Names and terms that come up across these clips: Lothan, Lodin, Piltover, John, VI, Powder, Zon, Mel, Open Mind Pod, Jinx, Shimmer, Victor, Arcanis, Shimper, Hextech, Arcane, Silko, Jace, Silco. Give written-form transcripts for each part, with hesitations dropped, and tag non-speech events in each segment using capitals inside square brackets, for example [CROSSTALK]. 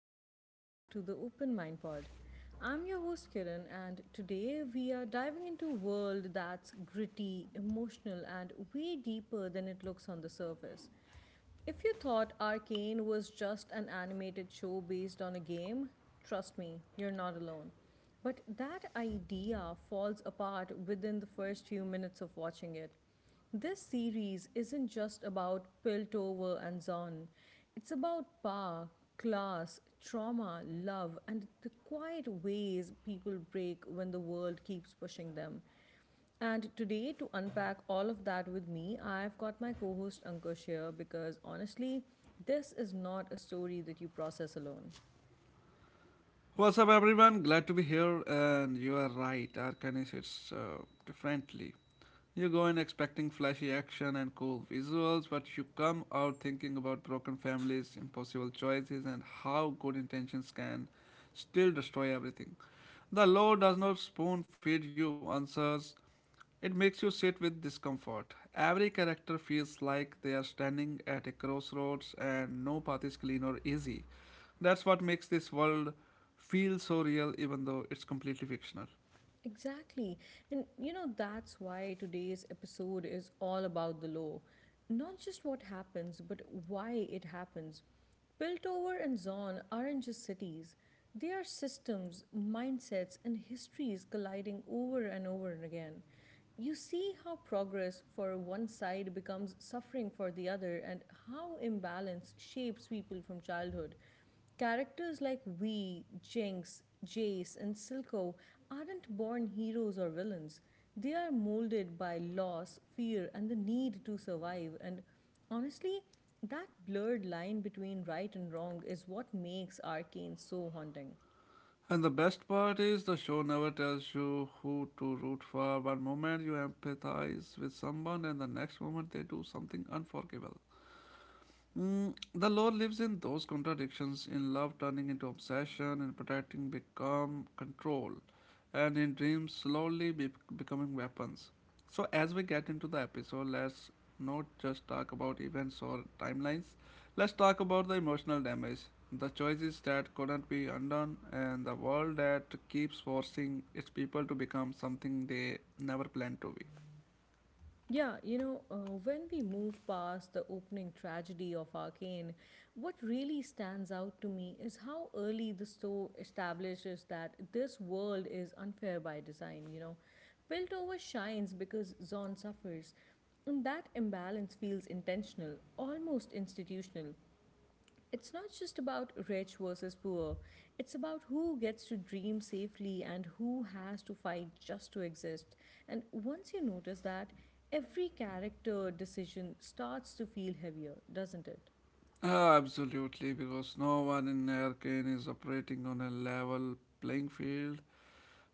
and welcome back to the Open Mind Pod. I'm your host Kiran, and today we are diving into a world that's gritty, emotional, and way deeper than it looks on the surface. If you thought Arcane was just an animated show based on a game, trust me, you're not alone. But that idea falls apart within the first few minutes of watching it. This series isn't just about Piltover and Zon. It's about power, class, trauma, love, and the quiet ways people break when the world keeps pushing them. And today, to unpack all of that with me, I've got my co host Ankush here because honestly, this is not a story that you process alone. What's up, everyone? Glad to be here. And you are right, Arcanis hits differently. You go in expecting flashy action and cool visuals, but you come out thinking about broken families, impossible choices, and how good intentions can still destroy everything. The law does not spoon feed you answers, it makes you sit with discomfort. Every character feels like they are standing at a crossroads and no path is clean or easy. That's what makes this world feel so real, even though it's completely fictional. Exactly. And you know, that's why today's episode is all about the law. Not just what happens, but why it happens. Piltover and Zon aren't just cities, they are systems, mindsets, and histories colliding over and over and again. You see how progress for one side becomes suffering for the other, and how imbalance shapes people from childhood. Characters like Wee, Jinx, Jace, and Silco aren't born heroes or villains. They are molded by loss, fear, and the need to survive. And honestly, that blurred line between right and wrong is what makes Arcane so haunting. And the best part is the show never tells you who to root for. One moment you empathize with someone, and the next moment they do something unforgivable. Mm, the law lives in those contradictions in love turning into obsession, in protecting become control, and in dreams slowly becoming weapons. So, as we get into the episode, let's not just talk about events or timelines, let's talk about the emotional damage, the choices that couldn't be undone, and the world that keeps forcing its people to become something they never planned to be. Yeah, you know, when we move past the opening tragedy of Arcane, what really stands out to me is how early the story establishes that this world is unfair by design, you know. Piltover shines because Zon suffers, and that imbalance feels intentional, almost institutional. It's not just about rich versus poor. It's about who gets to dream safely and who has to fight just to exist. And once you notice that, every character decision starts to feel heavier, doesn't it? Absolutely, because no one in Arcane is operating on a level playing field.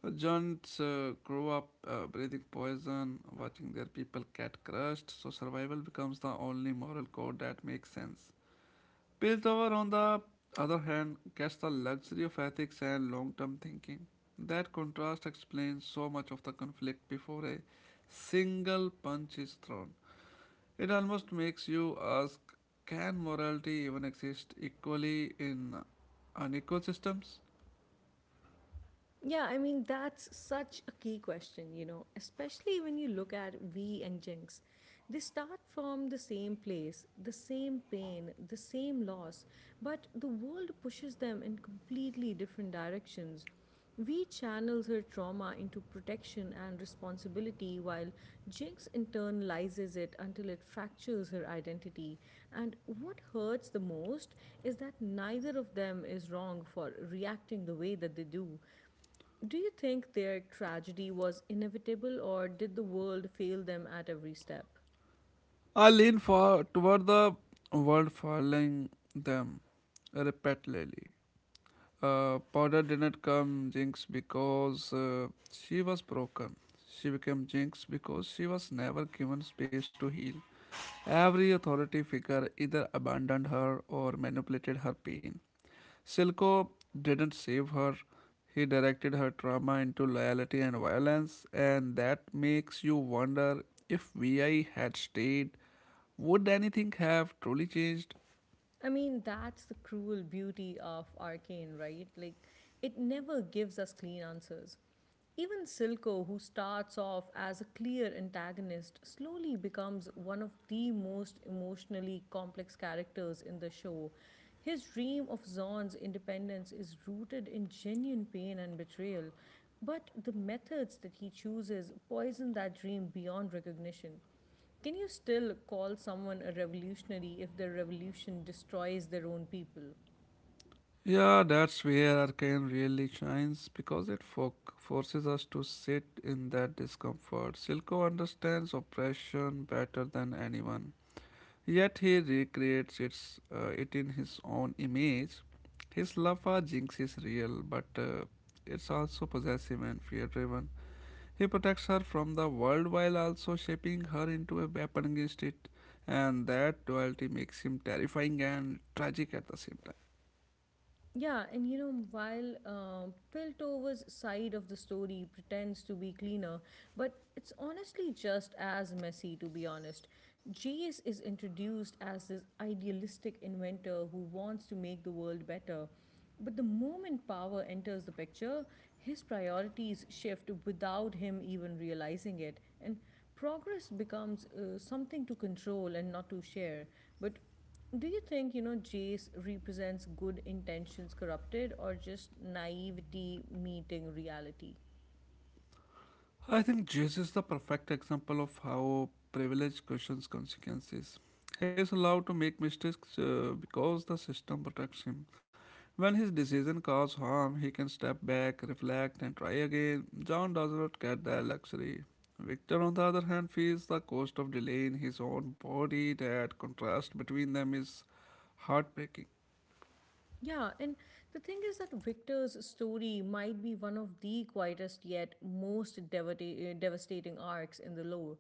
Giants grow up breathing poison, watching their people get crushed, so survival becomes the only moral code that makes sense. Piltover, on the other hand, gets the luxury of ethics and long term thinking. That contrast explains so much of the conflict before a single punch is thrown. It almost makes you ask, can morality even exist equally in unequal systems? Yeah, I mean, that's such a key question, you know, especially when you look at V and Jinx. They start from the same place, the same pain, the same loss, but the world pushes them in completely different directions. V channels her trauma into protection and responsibility, while Jinx internalizes it until it fractures her identity. And what hurts the most is that neither of them is wrong for reacting the way that they do. Do you think their tragedy was inevitable or did the world fail them at every step? I lean far toward the world following them repeatedly. Powder didn't come Jinx because she was broken. She became Jinx because she was never given space to heal. Every authority figure either abandoned her or manipulated her pain. Silko didn't save her. He directed her trauma into loyalty and violence, and that makes you wonder if VI had stayed, would anything have truly changed? I mean, that's the cruel beauty of Arcane, right? Like, it never gives us clean answers. Even Silco, who starts off as a clear antagonist, slowly becomes one of the most emotionally complex characters in the show. His dream of Zon's independence is rooted in genuine pain and betrayal, but the methods that he chooses poison that dream beyond recognition. Can you still call someone a revolutionary if their revolution destroys their own people? Yeah, that's where Arcane really shines because it forces us to sit in that discomfort. Silco understands oppression better than anyone. Yet he recreates it in his own image. His love for Jinx is real, but it's also possessive and fear driven. He protects her from the world while also shaping her into a weapon against it, and that duality makes him terrifying and tragic at the same time. Yeah, and you know, while Piltover's side of the story pretends to be cleaner, but it's honestly just as messy, to be honest. Jace is introduced as this idealistic inventor who wants to make the world better. But the moment power enters the picture, his priorities shift without him even realizing it. And progress becomes something to control and not to share. But do you think, you know, Jace represents good intentions corrupted or just naivety meeting reality? I think Jace is the perfect example of how privilege questions consequences. He is allowed to make mistakes because the system protects him. When his decision cause harm, he can step back, reflect, and try again. John does not get that luxury. Victor, on the other hand, feels the cost of delaying his own body. That contrast between them is heartbreaking. Yeah, and the thing is that Victor's story might be one of the quietest yet most devastating arcs in the lore.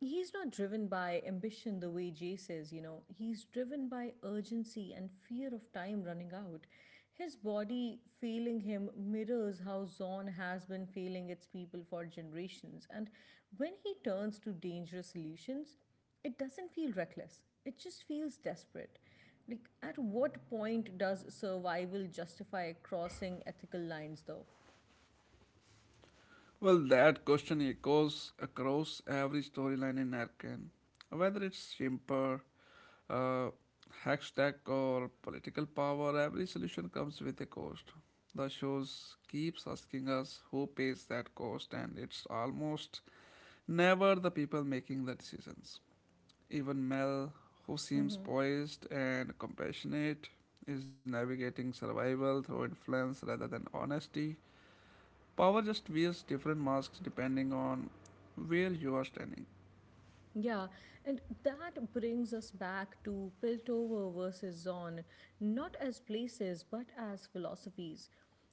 He's not driven by ambition the way Jay says, you know. He's driven by urgency and fear of time running out. His body failing him mirrors how Zon has been failing its people for generations. And when he turns to dangerous solutions, it doesn't feel reckless. It just feels desperate. Like, at what point does survival justify crossing ethical lines, though? Well, that question echoes across every storyline in Arcane. Whether it's Shimper, uh, hashtag, or political power, every solution comes with a cost. The show keeps asking us who pays that cost, and it's almost never the people making the decisions. Even Mel, who seems Mm-hmm. poised and compassionate, is navigating survival through influence rather than honesty. Power just wears different masks depending on where you are standing. Yeah, and that brings us back to Piltover versus Zon, not as places, but as philosophies.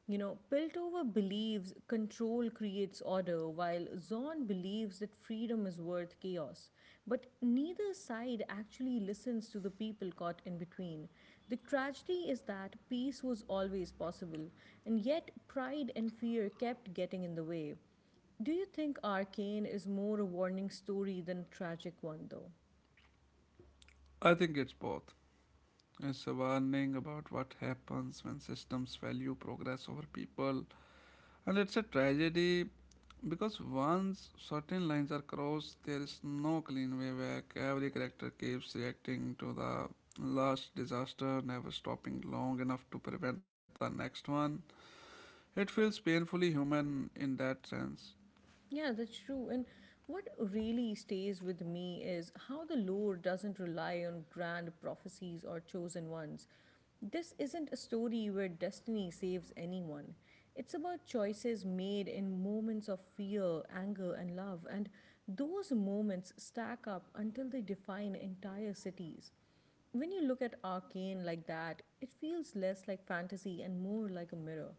You know, Piltover believes control creates order, while Zon believes that freedom is worth chaos. But neither side actually listens to the people caught in between. The tragedy is that peace was always possible, and yet pride and fear kept getting in the way. Do you think Arcane is more a warning story than a tragic one, though? I think it's both. It's a warning about what happens when systems value progress over people, and it's a tragedy because once certain lines are crossed, there is no clean way back. Every character keeps reacting to the last disaster, never stopping long enough to prevent the next one. It feels painfully human in that sense. Yeah, that's true. And what really stays with me is how the lore doesn't rely on grand prophecies or chosen ones. This isn't a story where destiny saves anyone. It's about choices made in moments of fear, anger, and love, and those moments stack up until they define entire cities. When you look at Arcane like that, it feels less like fantasy and more like a mirror.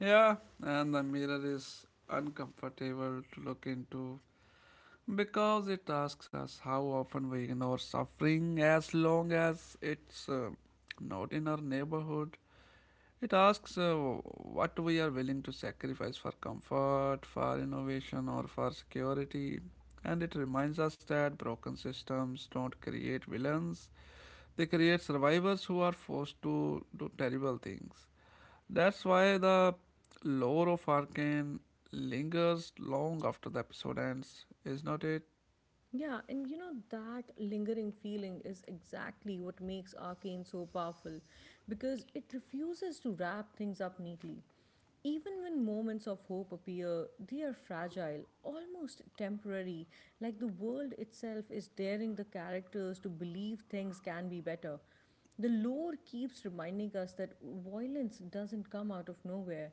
Yeah, and the mirror is uncomfortable to look into because it asks us how often we ignore suffering as long as it's not in our neighborhood. It asks what we are willing to sacrifice for comfort, for innovation, or for security. And it reminds us that broken systems don't create villains, they create survivors who are forced to do terrible things. That's why the lore of Arkane lingers long after the episode ends, is not it? Yeah, and you know that lingering feeling is exactly what makes Arcane so powerful because it refuses to wrap things up neatly. Even when moments of hope appear, they are fragile, almost temporary, like the world itself is daring the characters to believe things can be better. The lore keeps reminding us that violence doesn't come out of nowhere.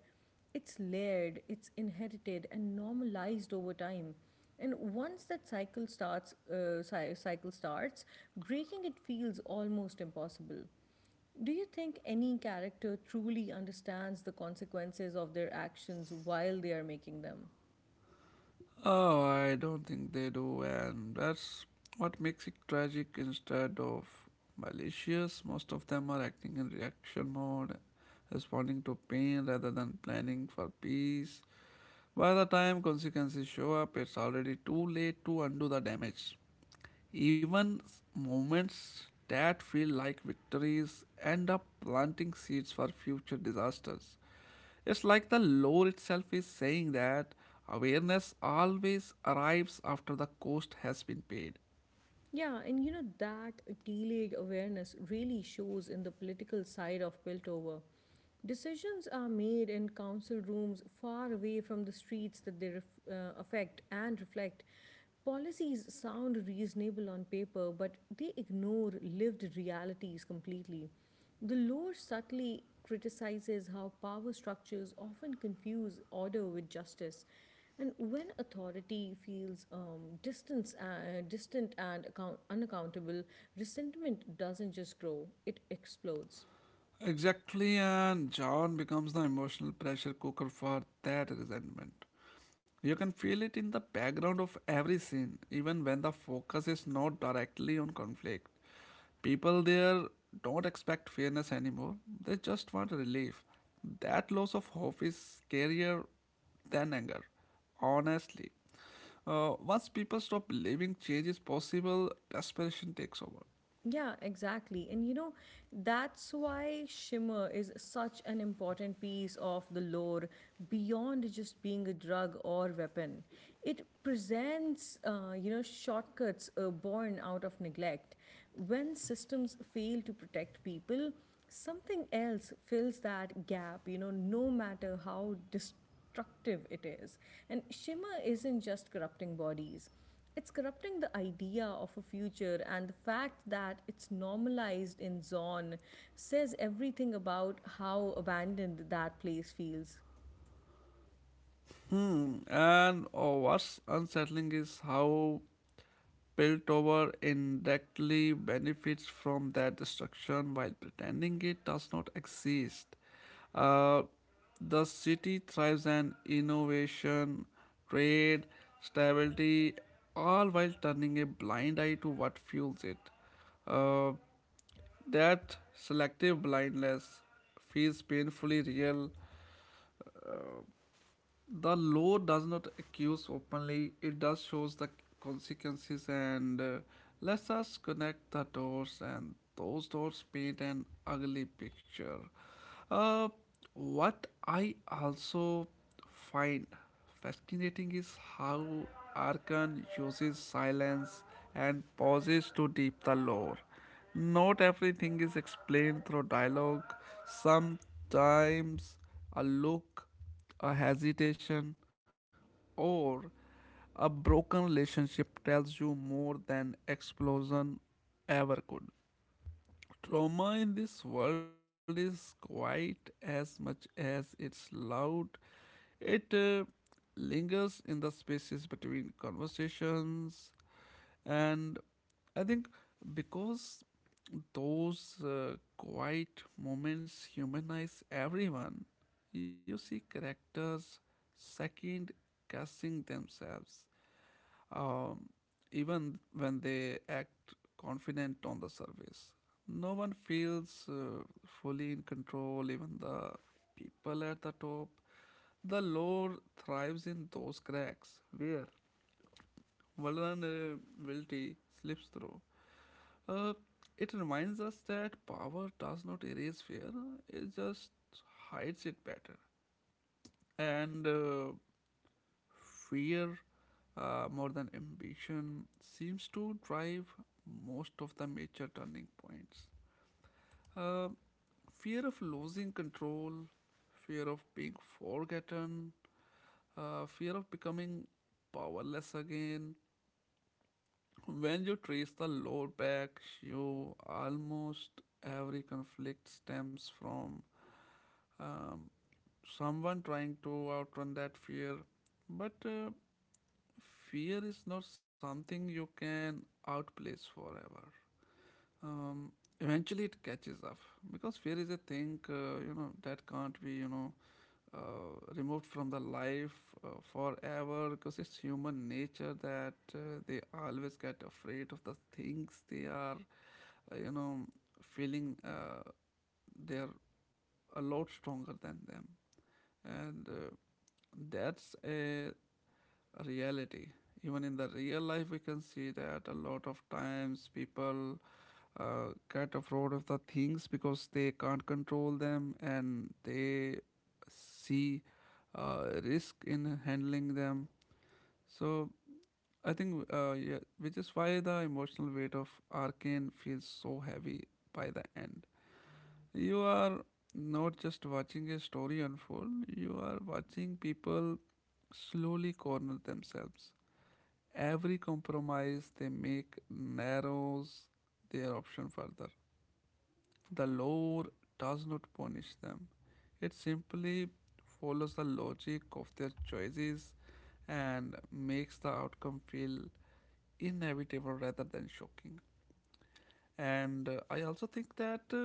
It's layered, it's inherited and normalized over time. And once that cycle starts, breaking it feels almost impossible. Do you think any character truly understands the consequences of their actions while they are making them? Oh, I don't think they do, and that's what makes it tragic instead of malicious. Most of them are acting in reaction mode, responding to pain rather than planning for peace. By the time consequences show up, it's already too late to undo the damage. Even moments that feel like victories end up planting seeds for future disasters. It's like the lore itself is saying that awareness always arrives after the cost has been paid. Yeah, and you know that delayed awareness really shows in the political side of Piltover. Decisions are made in council rooms far away from the streets that they affect and reflect. Policies sound reasonable on paper, but they ignore lived realities completely. The lore subtly criticizes how power structures often confuse order with justice. And when authority feels distant and unaccountable, resentment doesn't just grow, it explodes. Exactly, and John becomes the emotional pressure cooker for that resentment. You can feel it in the background of every scene, even when the focus is not directly on conflict. People there don't expect fairness anymore, they just want relief. That loss of hope is scarier than anger, honestly. Once people stop believing change is possible, desperation takes over. Yeah, exactly. And you know, that's why Shimmer is such an important piece of the lore beyond just being a drug or weapon. It presents, you know, shortcuts born out of neglect. When systems fail to protect people, something else fills that gap, you know, no matter how destructive it is. And Shimmer isn't just corrupting bodies. It's corrupting the idea of a future, and the fact that it's normalized in Zorn says everything about how abandoned that place feels. And oh, what's unsettling is how Piltover indirectly benefits from that destruction while pretending it does not exist. Uh, the city thrives on innovation, trade, stability, all while turning a blind eye to what fuels it. Uh, that selective blindness feels painfully real. The law does not accuse openly, it does shows the consequences and lets us connect the doors, and those doors paint an ugly picture. uh, what I also find fascinating is how Arkan uses silence and pauses to deep the lore. Not everything is explained through dialogue. Sometimes a look, a hesitation, or a broken relationship tells you more than explosion ever could. Trauma in this world is quiet as much as it's loud. It lingers in the spaces between conversations, and I think because those quiet moments humanize everyone, you see characters second guessing themselves, um, even when they act confident on the surface. No one feels fully in control, even the people at the top. The lore thrives in those cracks where vulnerability slips through. Uh, it reminds us that power does not erase fear, it just hides it better. And fear, more than ambition, seems to drive most of the major turning points. Uh, Fear of losing control, fear of being forgotten, fear of becoming powerless again. When you trace the lore back, you almost every conflict stems from um, someone trying to outrun that fear. But fear is not something you can outplace forever. Um, Eventually, it catches up because fear is a thing that can't be removed from the life forever, because it's human nature that they always get afraid of the things they are uh, you know feeling they're a lot stronger than them, and that's a reality. Even in the real life, we can see that a lot of times people get afraid of the things because they can't control them, and they see risk in handling them. So I think, yeah, which is why the emotional weight of Arcane feels so heavy by the end. You are not just watching a story unfold, you are watching people slowly corner themselves. Every compromise they make narrows their option further. The law does not punish them, it simply follows the logic of their choices and makes the outcome feel inevitable rather than shocking. And I also think that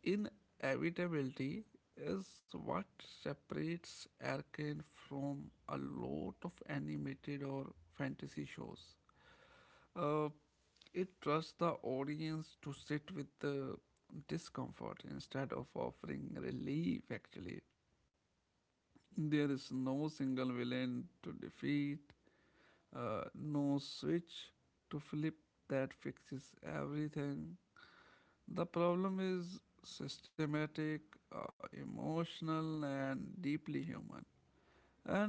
inevitability is what separates Arcane from a lot of animated or fantasy shows. Uh, it trusts the audience to sit with the discomfort instead of offering relief, actually. There is no single villain to defeat, no switch to flip that fixes everything. The problem is systematic, uh, emotional, and deeply human. And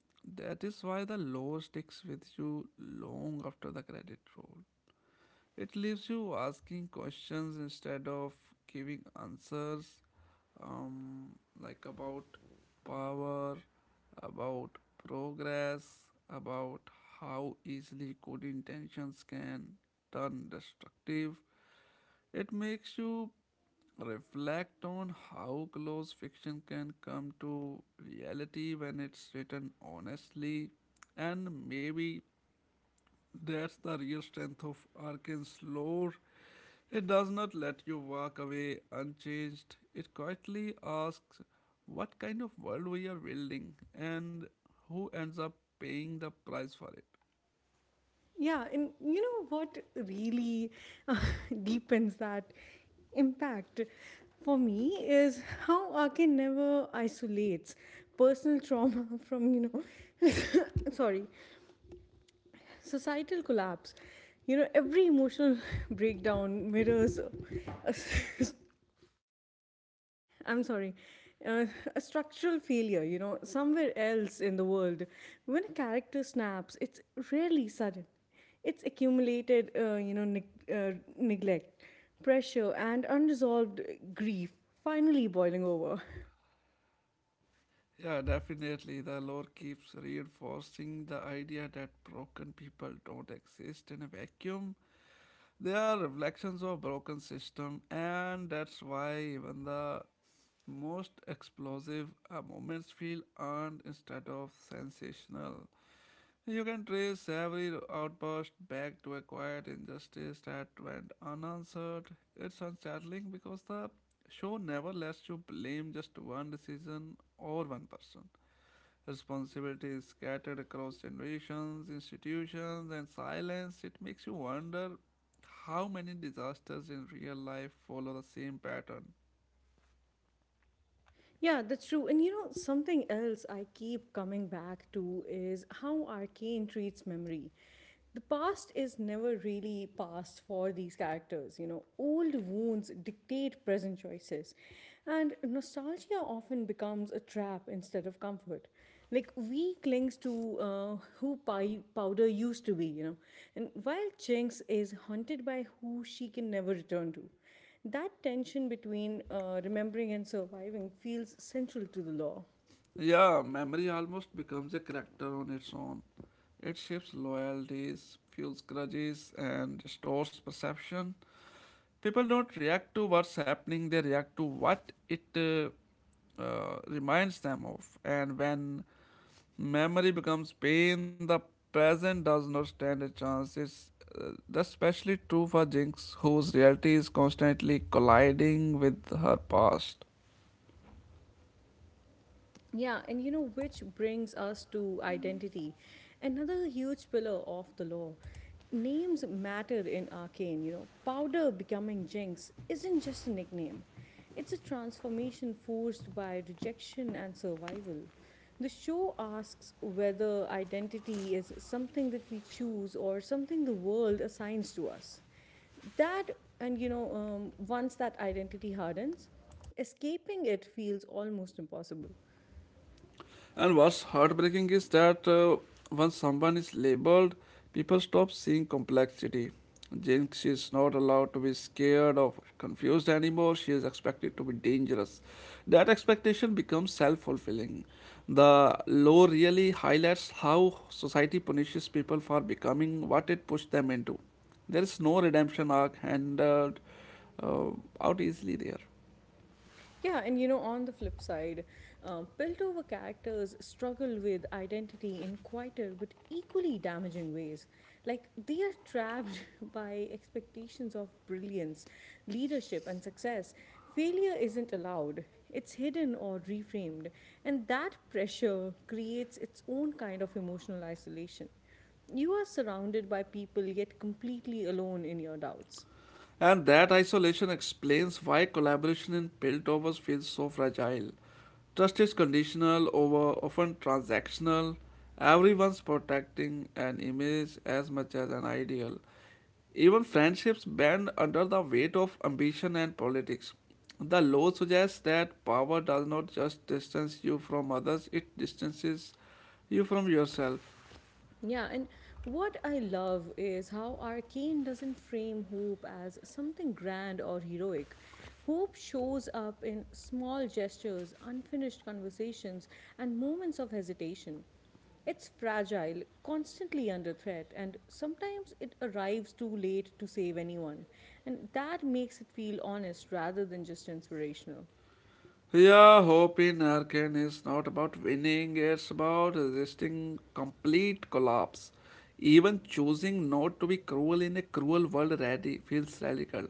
that is why the law sticks with you long after the credit roll. It leaves you asking questions instead of giving answers, um, like about power, about progress, about how easily good intentions can turn destructive. It makes you reflect on how close fiction can come to reality when it's written honestly, and maybe that's the real strength of Arkin's lore. It does not let you walk away unchanged. It quietly asks what kind of world we are building and who ends up paying the price for it. Yeah, and you know what really uh, [LAUGHS] deepens that impact for me is how Ake never isolates personal [LAUGHS] trauma from, you know, [LAUGHS] sorry, societal collapse. You know, every emotional [LAUGHS] breakdown mirrors a [LAUGHS] I'm sorry, uh, a structural failure, you know, somewhere else in the world. When a character snaps, it's rarely sudden. It's accumulated, you know, neglect, pressure, and unresolved grief finally boiling over. Yeah, definitely. The lore keeps reinforcing the idea that broken people don't exist in a vacuum. They are reflections of broken system, and that's why even the most explosive moments feel earned instead of sensational. You can trace every outburst back to a quiet injustice that went unanswered. It's unsettling because the show never lets you blame just one decision or one person. Responsibility is scattered across generations, institutions, and silence. It makes you wonder how many disasters in real life follow the same pattern. Yeah, that's true. And you know, something else I keep coming back to is how arcane treats memory. The past is never really past for these characters. You know, old wounds dictate present choices, and nostalgia often becomes a trap instead of comfort. Like we clings to who pie powder used to be, you know, and while Chinks is haunted by who she can never return to, that tension between remembering and surviving feels central to the law. Yeah, memory almost becomes a character on its own. It shapes loyalties, fuels grudges, and distorts perception. People don't react to what's happening, they react to what it reminds them of. And when memory becomes pain, the present does not stand a chance. It's uh, especially true for Jinx, whose reality is constantly colliding with her past. Yeah, and you know, which brings us to identity, another huge pillar of the law. Names matter in arcane, you know. Powder becoming Jinx isn't just a nickname, it's a transformation forced by rejection and survival. The show asks whether identity is something that we choose or something the world assigns to us. That, and you know, once that identity hardens, escaping it feels almost impossible. And what's heartbreaking is that once someone is labeled, people stop seeing complexity. Jinx is not allowed to be scared or confused anymore. She is expected to be dangerous. That expectation becomes self fulfilling. The law really highlights how society punishes people for becoming what it pushed them into. There is no redemption arc handed uh, out easily there. Yeah, and you know, on the flip side, Piltover characters struggle with identity in quieter but equally damaging ways. Like, they are trapped [LAUGHS] by expectations of brilliance, leadership, and success. Failure isn't allowed, it's hidden or reframed, and that pressure creates its own kind of emotional isolation. You are surrounded by people, yet completely alone in your doubts. And that isolation explains why collaboration in Piltovers feels so fragile. Trust is conditional over often transactional. Everyone's protecting an image as much as an ideal. Even friendships bend under the weight of ambition and politics. The law suggests that power does not just distance you from others, it distances you from yourself. Yeah, and what I love is how Arcane doesn't frame hope as something grand or heroic. Hope shows up in small gestures, unfinished conversations, and moments of hesitation. It's fragile, constantly under threat, and sometimes it arrives too late to save anyone. And that makes it feel honest rather than just inspirational. Yeah, hope in Arkan is not about winning, it's about resisting complete collapse. Even choosing not to be cruel in a cruel world feels radical.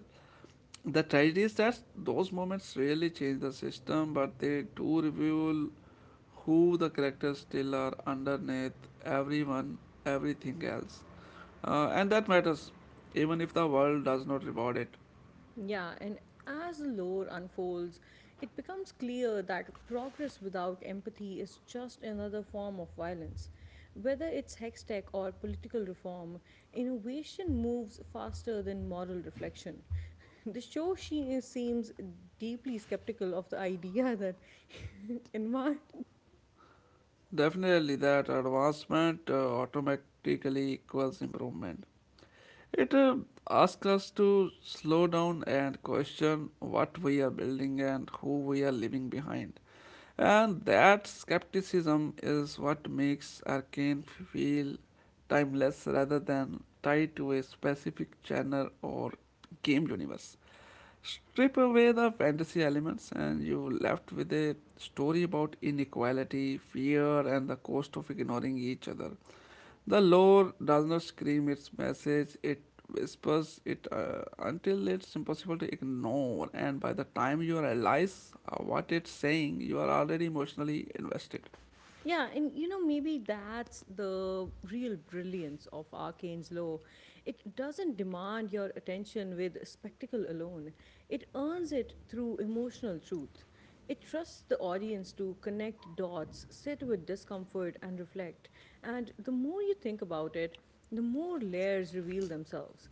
The tragedy is that those moments really change the system, but they do reveal who the characters still are underneath everyone, everything else. And that matters, even if the world does not reward it. Yeah, and as the lore unfolds, it becomes clear that progress without empathy is just another form of violence. Whether it's hex tech or political reform, innovation moves faster than moral reflection. [LAUGHS] The show she seems deeply skeptical of the idea [LAUGHS] that envi- Definitely, that advancement automatically equals improvement. It asks us to slow down and question what we are building and who we are leaving behind. And that skepticism is what makes Arcane feel timeless rather than tied to a specific genre or game universe. Strip away the fantasy elements, and you're left with a story about inequality, fear, and the cost of ignoring each other. The lore does not scream its message, it whispers it until it's impossible to ignore, and by the time you realize what it's saying, you are already emotionally invested. Yeah, and you know, maybe that's the real brilliance of Arcane's Law. It doesn't demand your attention with spectacle alone, it earns it through emotional truth. It trusts the audience to connect dots, sit with discomfort, and reflect. And the more you think about it, the more layers reveal themselves.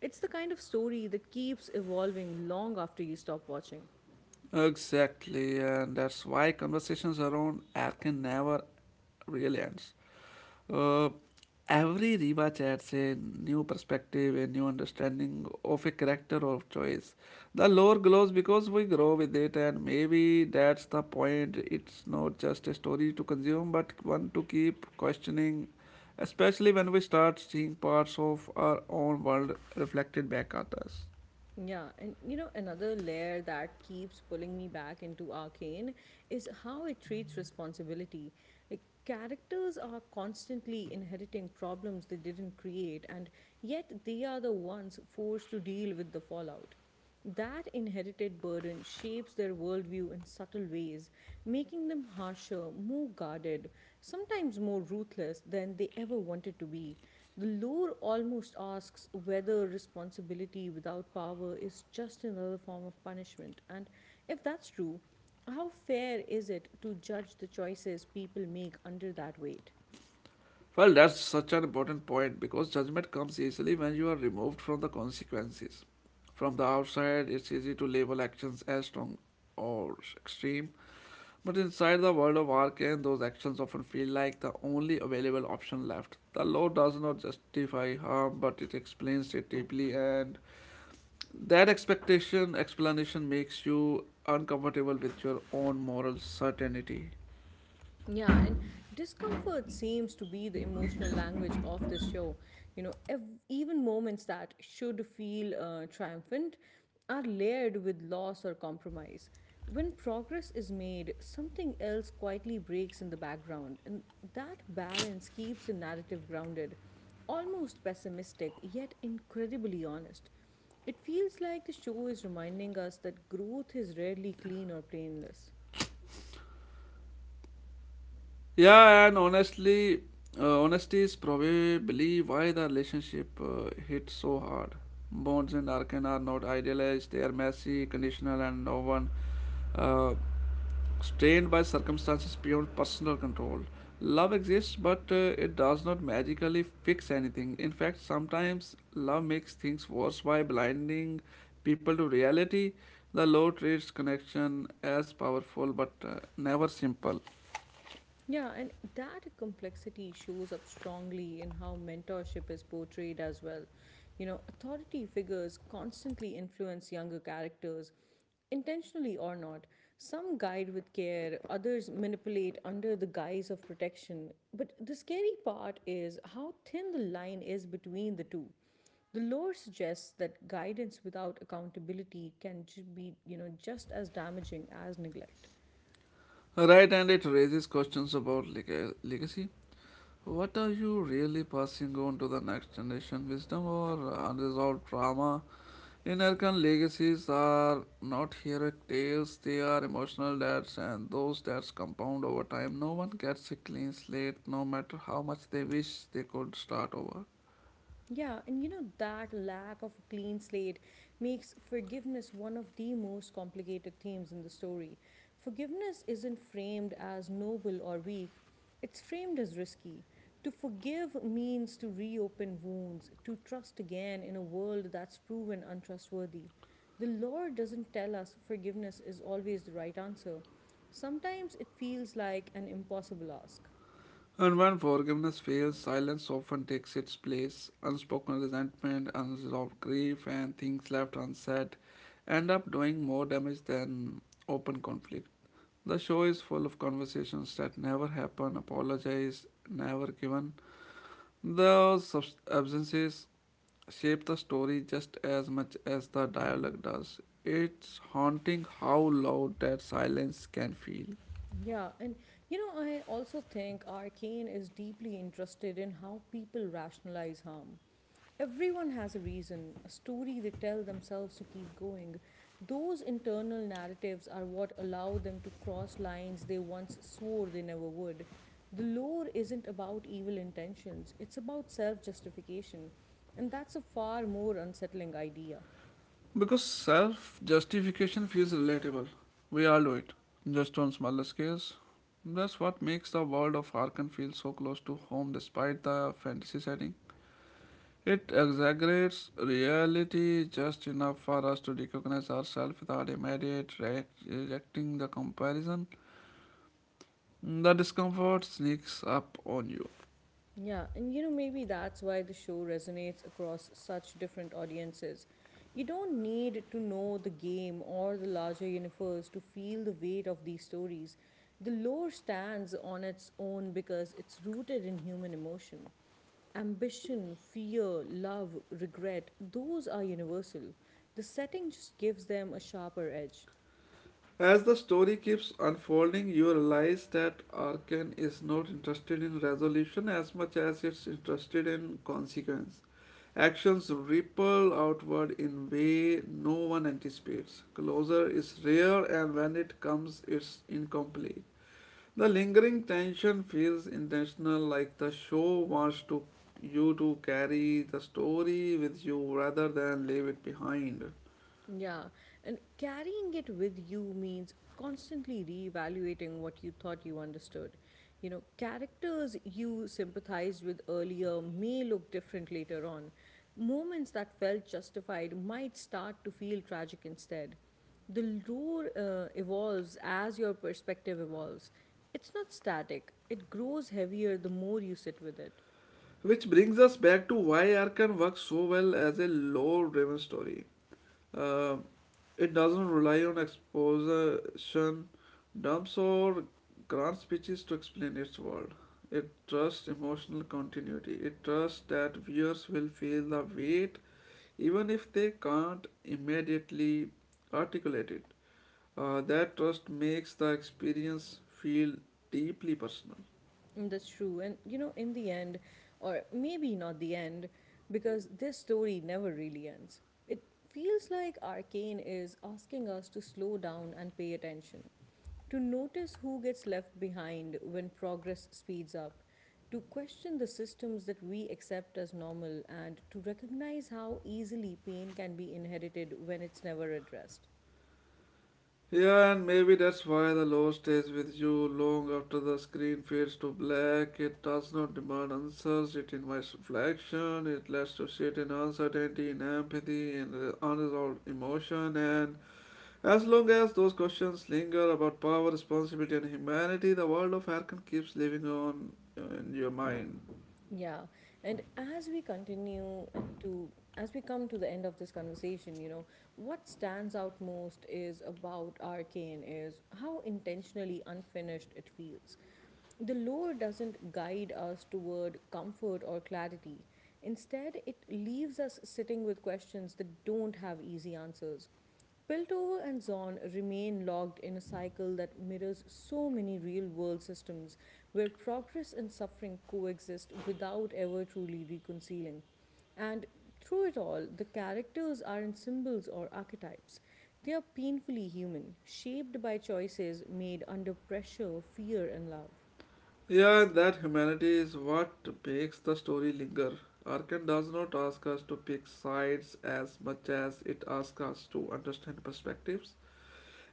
It's the kind of story that keeps evolving long after you stop watching. Exactly, and that's why conversations around air can never really end. Uh, every rewatch adds a new perspective, a new understanding of a character or choice. The lore glows because we grow with it, and maybe that's the point. It's not just a story to consume, but one to keep questioning, especially when we start seeing parts of our own world reflected back at us. Yeah, and you know, another layer that keeps pulling me back into Arcane is how it treats responsibility. Like, characters are constantly inheriting problems they didn't create, and yet they are the ones forced to deal with the fallout. That inherited burden shapes their worldview in subtle ways, making them harsher, more guarded, sometimes more ruthless than they ever wanted to be. The lore almost asks whether responsibility without power is just another form of punishment, and if that's true, how fair is it to judge the choices people make under that weight? Well, that's such an important point because judgment comes easily when you are removed from the consequences. From the outside, it's easy to label actions as strong or extreme, but inside the world of Arcane, those actions often feel like the only available option left. The law does not justify harm, but it explains it deeply, and that expectation explanation makes you uncomfortable with your own moral certainty. Yeah, and discomfort seems to be the emotional language of this show. You know, even moments that should feel triumphant are layered with loss or compromise. When progress is made, something else quietly breaks in the background, and that balance keeps the narrative grounded, almost pessimistic, yet incredibly honest. It feels like the show is reminding us that growth is rarely clean or painless. Yeah, and honestly, honesty is probably why the relationship hits so hard. Bonds in Arkan are not idealized, they are messy, conditional, and no one uh, strained by circumstances beyond personal control. Love exists, but it does not magically fix anything. In fact, sometimes love makes things worse by blinding people to reality. The law treats connection as powerful but never simple. Yeah, and that complexity shows up strongly in how mentorship is portrayed as well. You know, authority figures constantly influence younger characters, intentionally or not. Some guide with care, others manipulate under the guise of protection. But the scary part is how thin the line is between the two. The lore suggests that guidance without accountability can be, you know, just as damaging as neglect. Right, and it raises questions about legacy. What are you really passing on to the next generation? Wisdom or unresolved trauma? American legacies are not heroic tales, they are emotional debts, and those debts compound over time. No one gets a clean slate, no matter how much they wish they could start over. Yeah, and you know, that lack of a clean slate makes forgiveness one of the most complicated themes in the story. Forgiveness isn't framed as noble or weak, it's framed as risky. To forgive means to reopen wounds, to trust again in a world that's proven untrustworthy. The Lord doesn't tell us forgiveness is always the right answer. Sometimes it feels like an impossible ask. And when forgiveness fails, silence often takes its place. Unspoken resentment, unresolved grief, and things left unsaid end up doing more damage than open conflict. The show is full of conversations that never happen, apologies never given. Those absences shape the story just as much as the dialogue does. It's haunting how loud that silence can feel. Yeah, and you know, I also think Arcane is deeply interested in how people rationalize harm. Everyone has a reason, a story they tell themselves to keep going. Those internal narratives are what allow them to cross lines they once swore they never would. The lore isn't about evil intentions, it's about self justification, and that's a far more unsettling idea. Because self justification feels relatable. We all do it, just on smaller scales. That's what makes the world of Arkham feel so close to home despite the fantasy setting. It exaggerates reality just enough for us to recognize ourselves without immediate rejecting the comparison. The discomfort sneaks up on you. Yeah, and you know, maybe that's why the show resonates across such different audiences. You don't need to know the game or the larger universe to feel the weight of these stories. The lore stands on its own because it's rooted in human emotion. Ambition, fear, love, regret, those are universal. The setting just gives them a sharper edge. As the story keeps unfolding, you realize that Arkane is not interested in resolution as much as it's interested in consequence. Actions ripple outward in way no one anticipates. Closure is rare, and when it comes it's incomplete. The lingering tension feels intentional, like the show wants to you to carry the story with you rather than leave it behind. Yeah, and carrying it with you means constantly reevaluating what you thought you understood. You know, characters you sympathized with earlier may look different later on. Moments that felt justified might start to feel tragic instead. The lore evolves as your perspective evolves. It's not static, it grows heavier the more you sit with it. Which brings us back to why Arkan works so well as a lore driven story. Uh, it doesn't rely on exposition, dumps, or grand speeches to explain its world. It trusts emotional continuity. It trusts that viewers will feel the weight even if they can't immediately articulate it. That trust makes the experience feel deeply personal. Mm, that's true. And you know, in the end, or maybe not the end, because this story never really ends, it feels like Arcane is asking us to slow down and pay attention, to notice who gets left behind when progress speeds up, to question the systems that we accept as normal, and to recognize how easily pain can be inherited when it's never addressed. Yeah, and maybe that's why the law stays with you long after the screen fades to black. It does not demand answers, it invites reflection, it lets you sit in uncertainty, in empathy, in unresolved emotion. And as long as those questions linger about power, responsibility, and humanity, the world of Arkham keeps living on in your mind. Yeah. And as we continue as we come to the end of this conversation, you know, what stands out most is about Arcane is how intentionally unfinished it feels. The lore doesn't guide us toward comfort or clarity. Instead, it leaves us sitting with questions that don't have easy answers. Piltover and Zorn remain locked in a cycle that mirrors so many real world systems where progress and suffering coexist without ever truly reconciling. And through it all, the characters aren't symbols or archetypes. They are painfully human, shaped by choices made under pressure, fear, and love. Yeah, and that humanity is what makes the story linger. Arkan does not ask us to pick sides as much as it asks us to understand perspectives.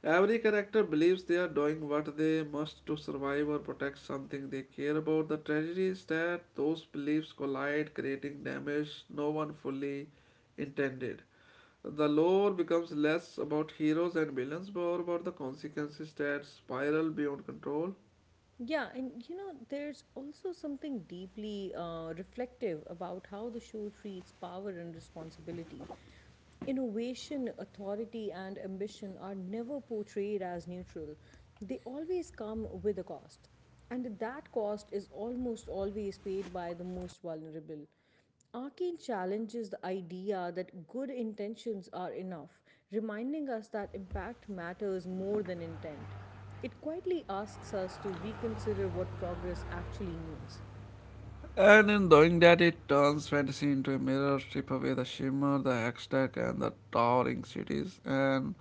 Every character believes they are doing what they must to survive or protect something they care about. The tragedy is that those beliefs collide, creating damage no one fully intended. The lore becomes less about heroes and villains, more about the consequences that spiral beyond control. Yeah, and you know, there's also something deeply reflective about how the show treats power and responsibility. Innovation, authority, and ambition are never portrayed as neutral, they always come with a cost. And that cost is almost always paid by the most vulnerable. Arcane challenges the idea that good intentions are enough, reminding us that impact matters more than intent. It quietly asks us to reconsider what progress actually means. And in doing that, it turns fantasy into a mirror. Strip away the shimmer, the haystack, and the towering cities. And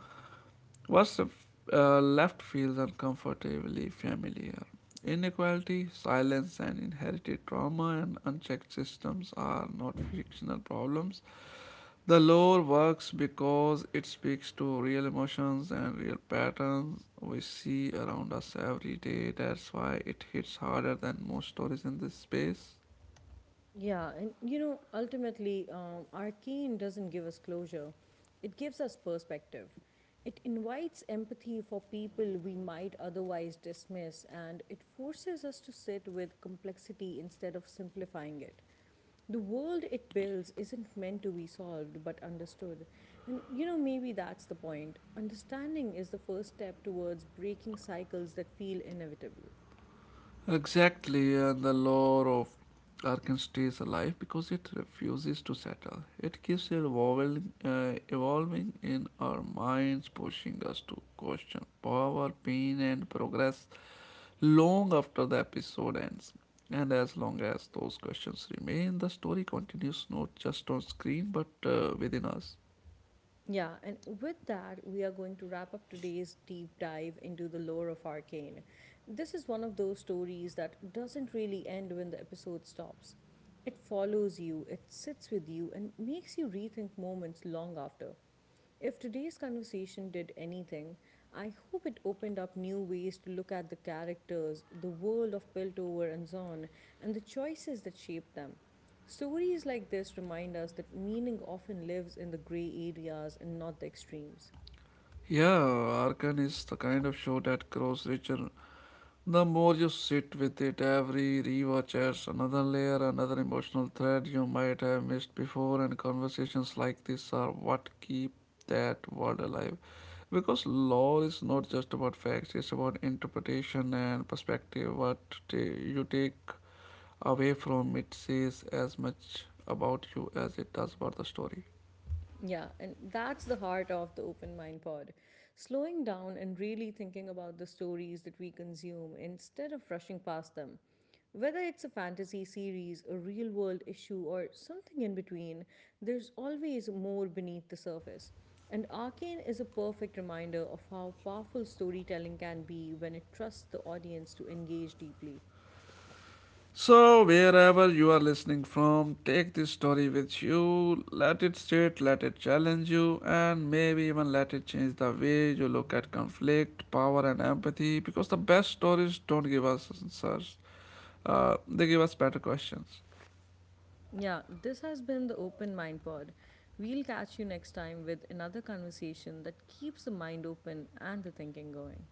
what's left feels uncomfortably familiar. Inequality, silence, and inherited trauma and unchecked systems are not fictional problems. The lore works because it speaks to real emotions and real patterns we see around us every day. That's why it hits harder than most stories in this space. Yeah, and you know, ultimately, our keen doesn't give us closure, it gives us perspective. It invites empathy for people we might otherwise dismiss, and it forces us to sit with complexity instead of simplifying it. The world it builds isn't meant to be solved but understood. And you know, maybe that's the point. Understanding is the first step towards breaking cycles that feel inevitable. Exactly, and the lore of Arkan stays alive because it refuses to settle. It keeps evolving, evolving in our minds, pushing us to question power, pain, and progress long after the episode ends. And as long as those questions remain, the story continues not just on screen but within us. Yeah, and with that, we are going to wrap up today's deep dive into the lore of Arcane. This is one of those stories that doesn't really end when the episode stops. It follows you, it sits with you, and makes you rethink moments long after. If today's conversation did anything, I hope it opened up new ways to look at the characters, the world of Piltover and Zon, and the choices that shape them. Stories like this remind us that meaning often lives in the gray areas and not the extremes. Yeah, Arkan is the kind of show that grows richer the more you sit with it. Every rewatch adds another layer, another emotional thread you might have missed before, and conversations like this are what keep that world alive. Because lore is not just about facts, it's about interpretation and perspective. What you take away from it says as much about you as it does about the story. Yeah, and that's the heart of the Open Mind Pod. Slowing down and really thinking about the stories that we consume instead of rushing past them. Whether it's a fantasy series, a real world issue, or something in between, there's always more beneath the surface. And Arcane is a perfect reminder of how powerful storytelling can be when it trusts the audience to engage deeply. So, wherever you are listening from, take this story with you. Let it sit, let it challenge you, and maybe even let it change the way you look at conflict, power, and empathy. Because the best stories don't give us answers, they give us better questions. Yeah, this has been the Open Mind Pod. We'll catch you next time with another conversation that keeps the mind open and the thinking going.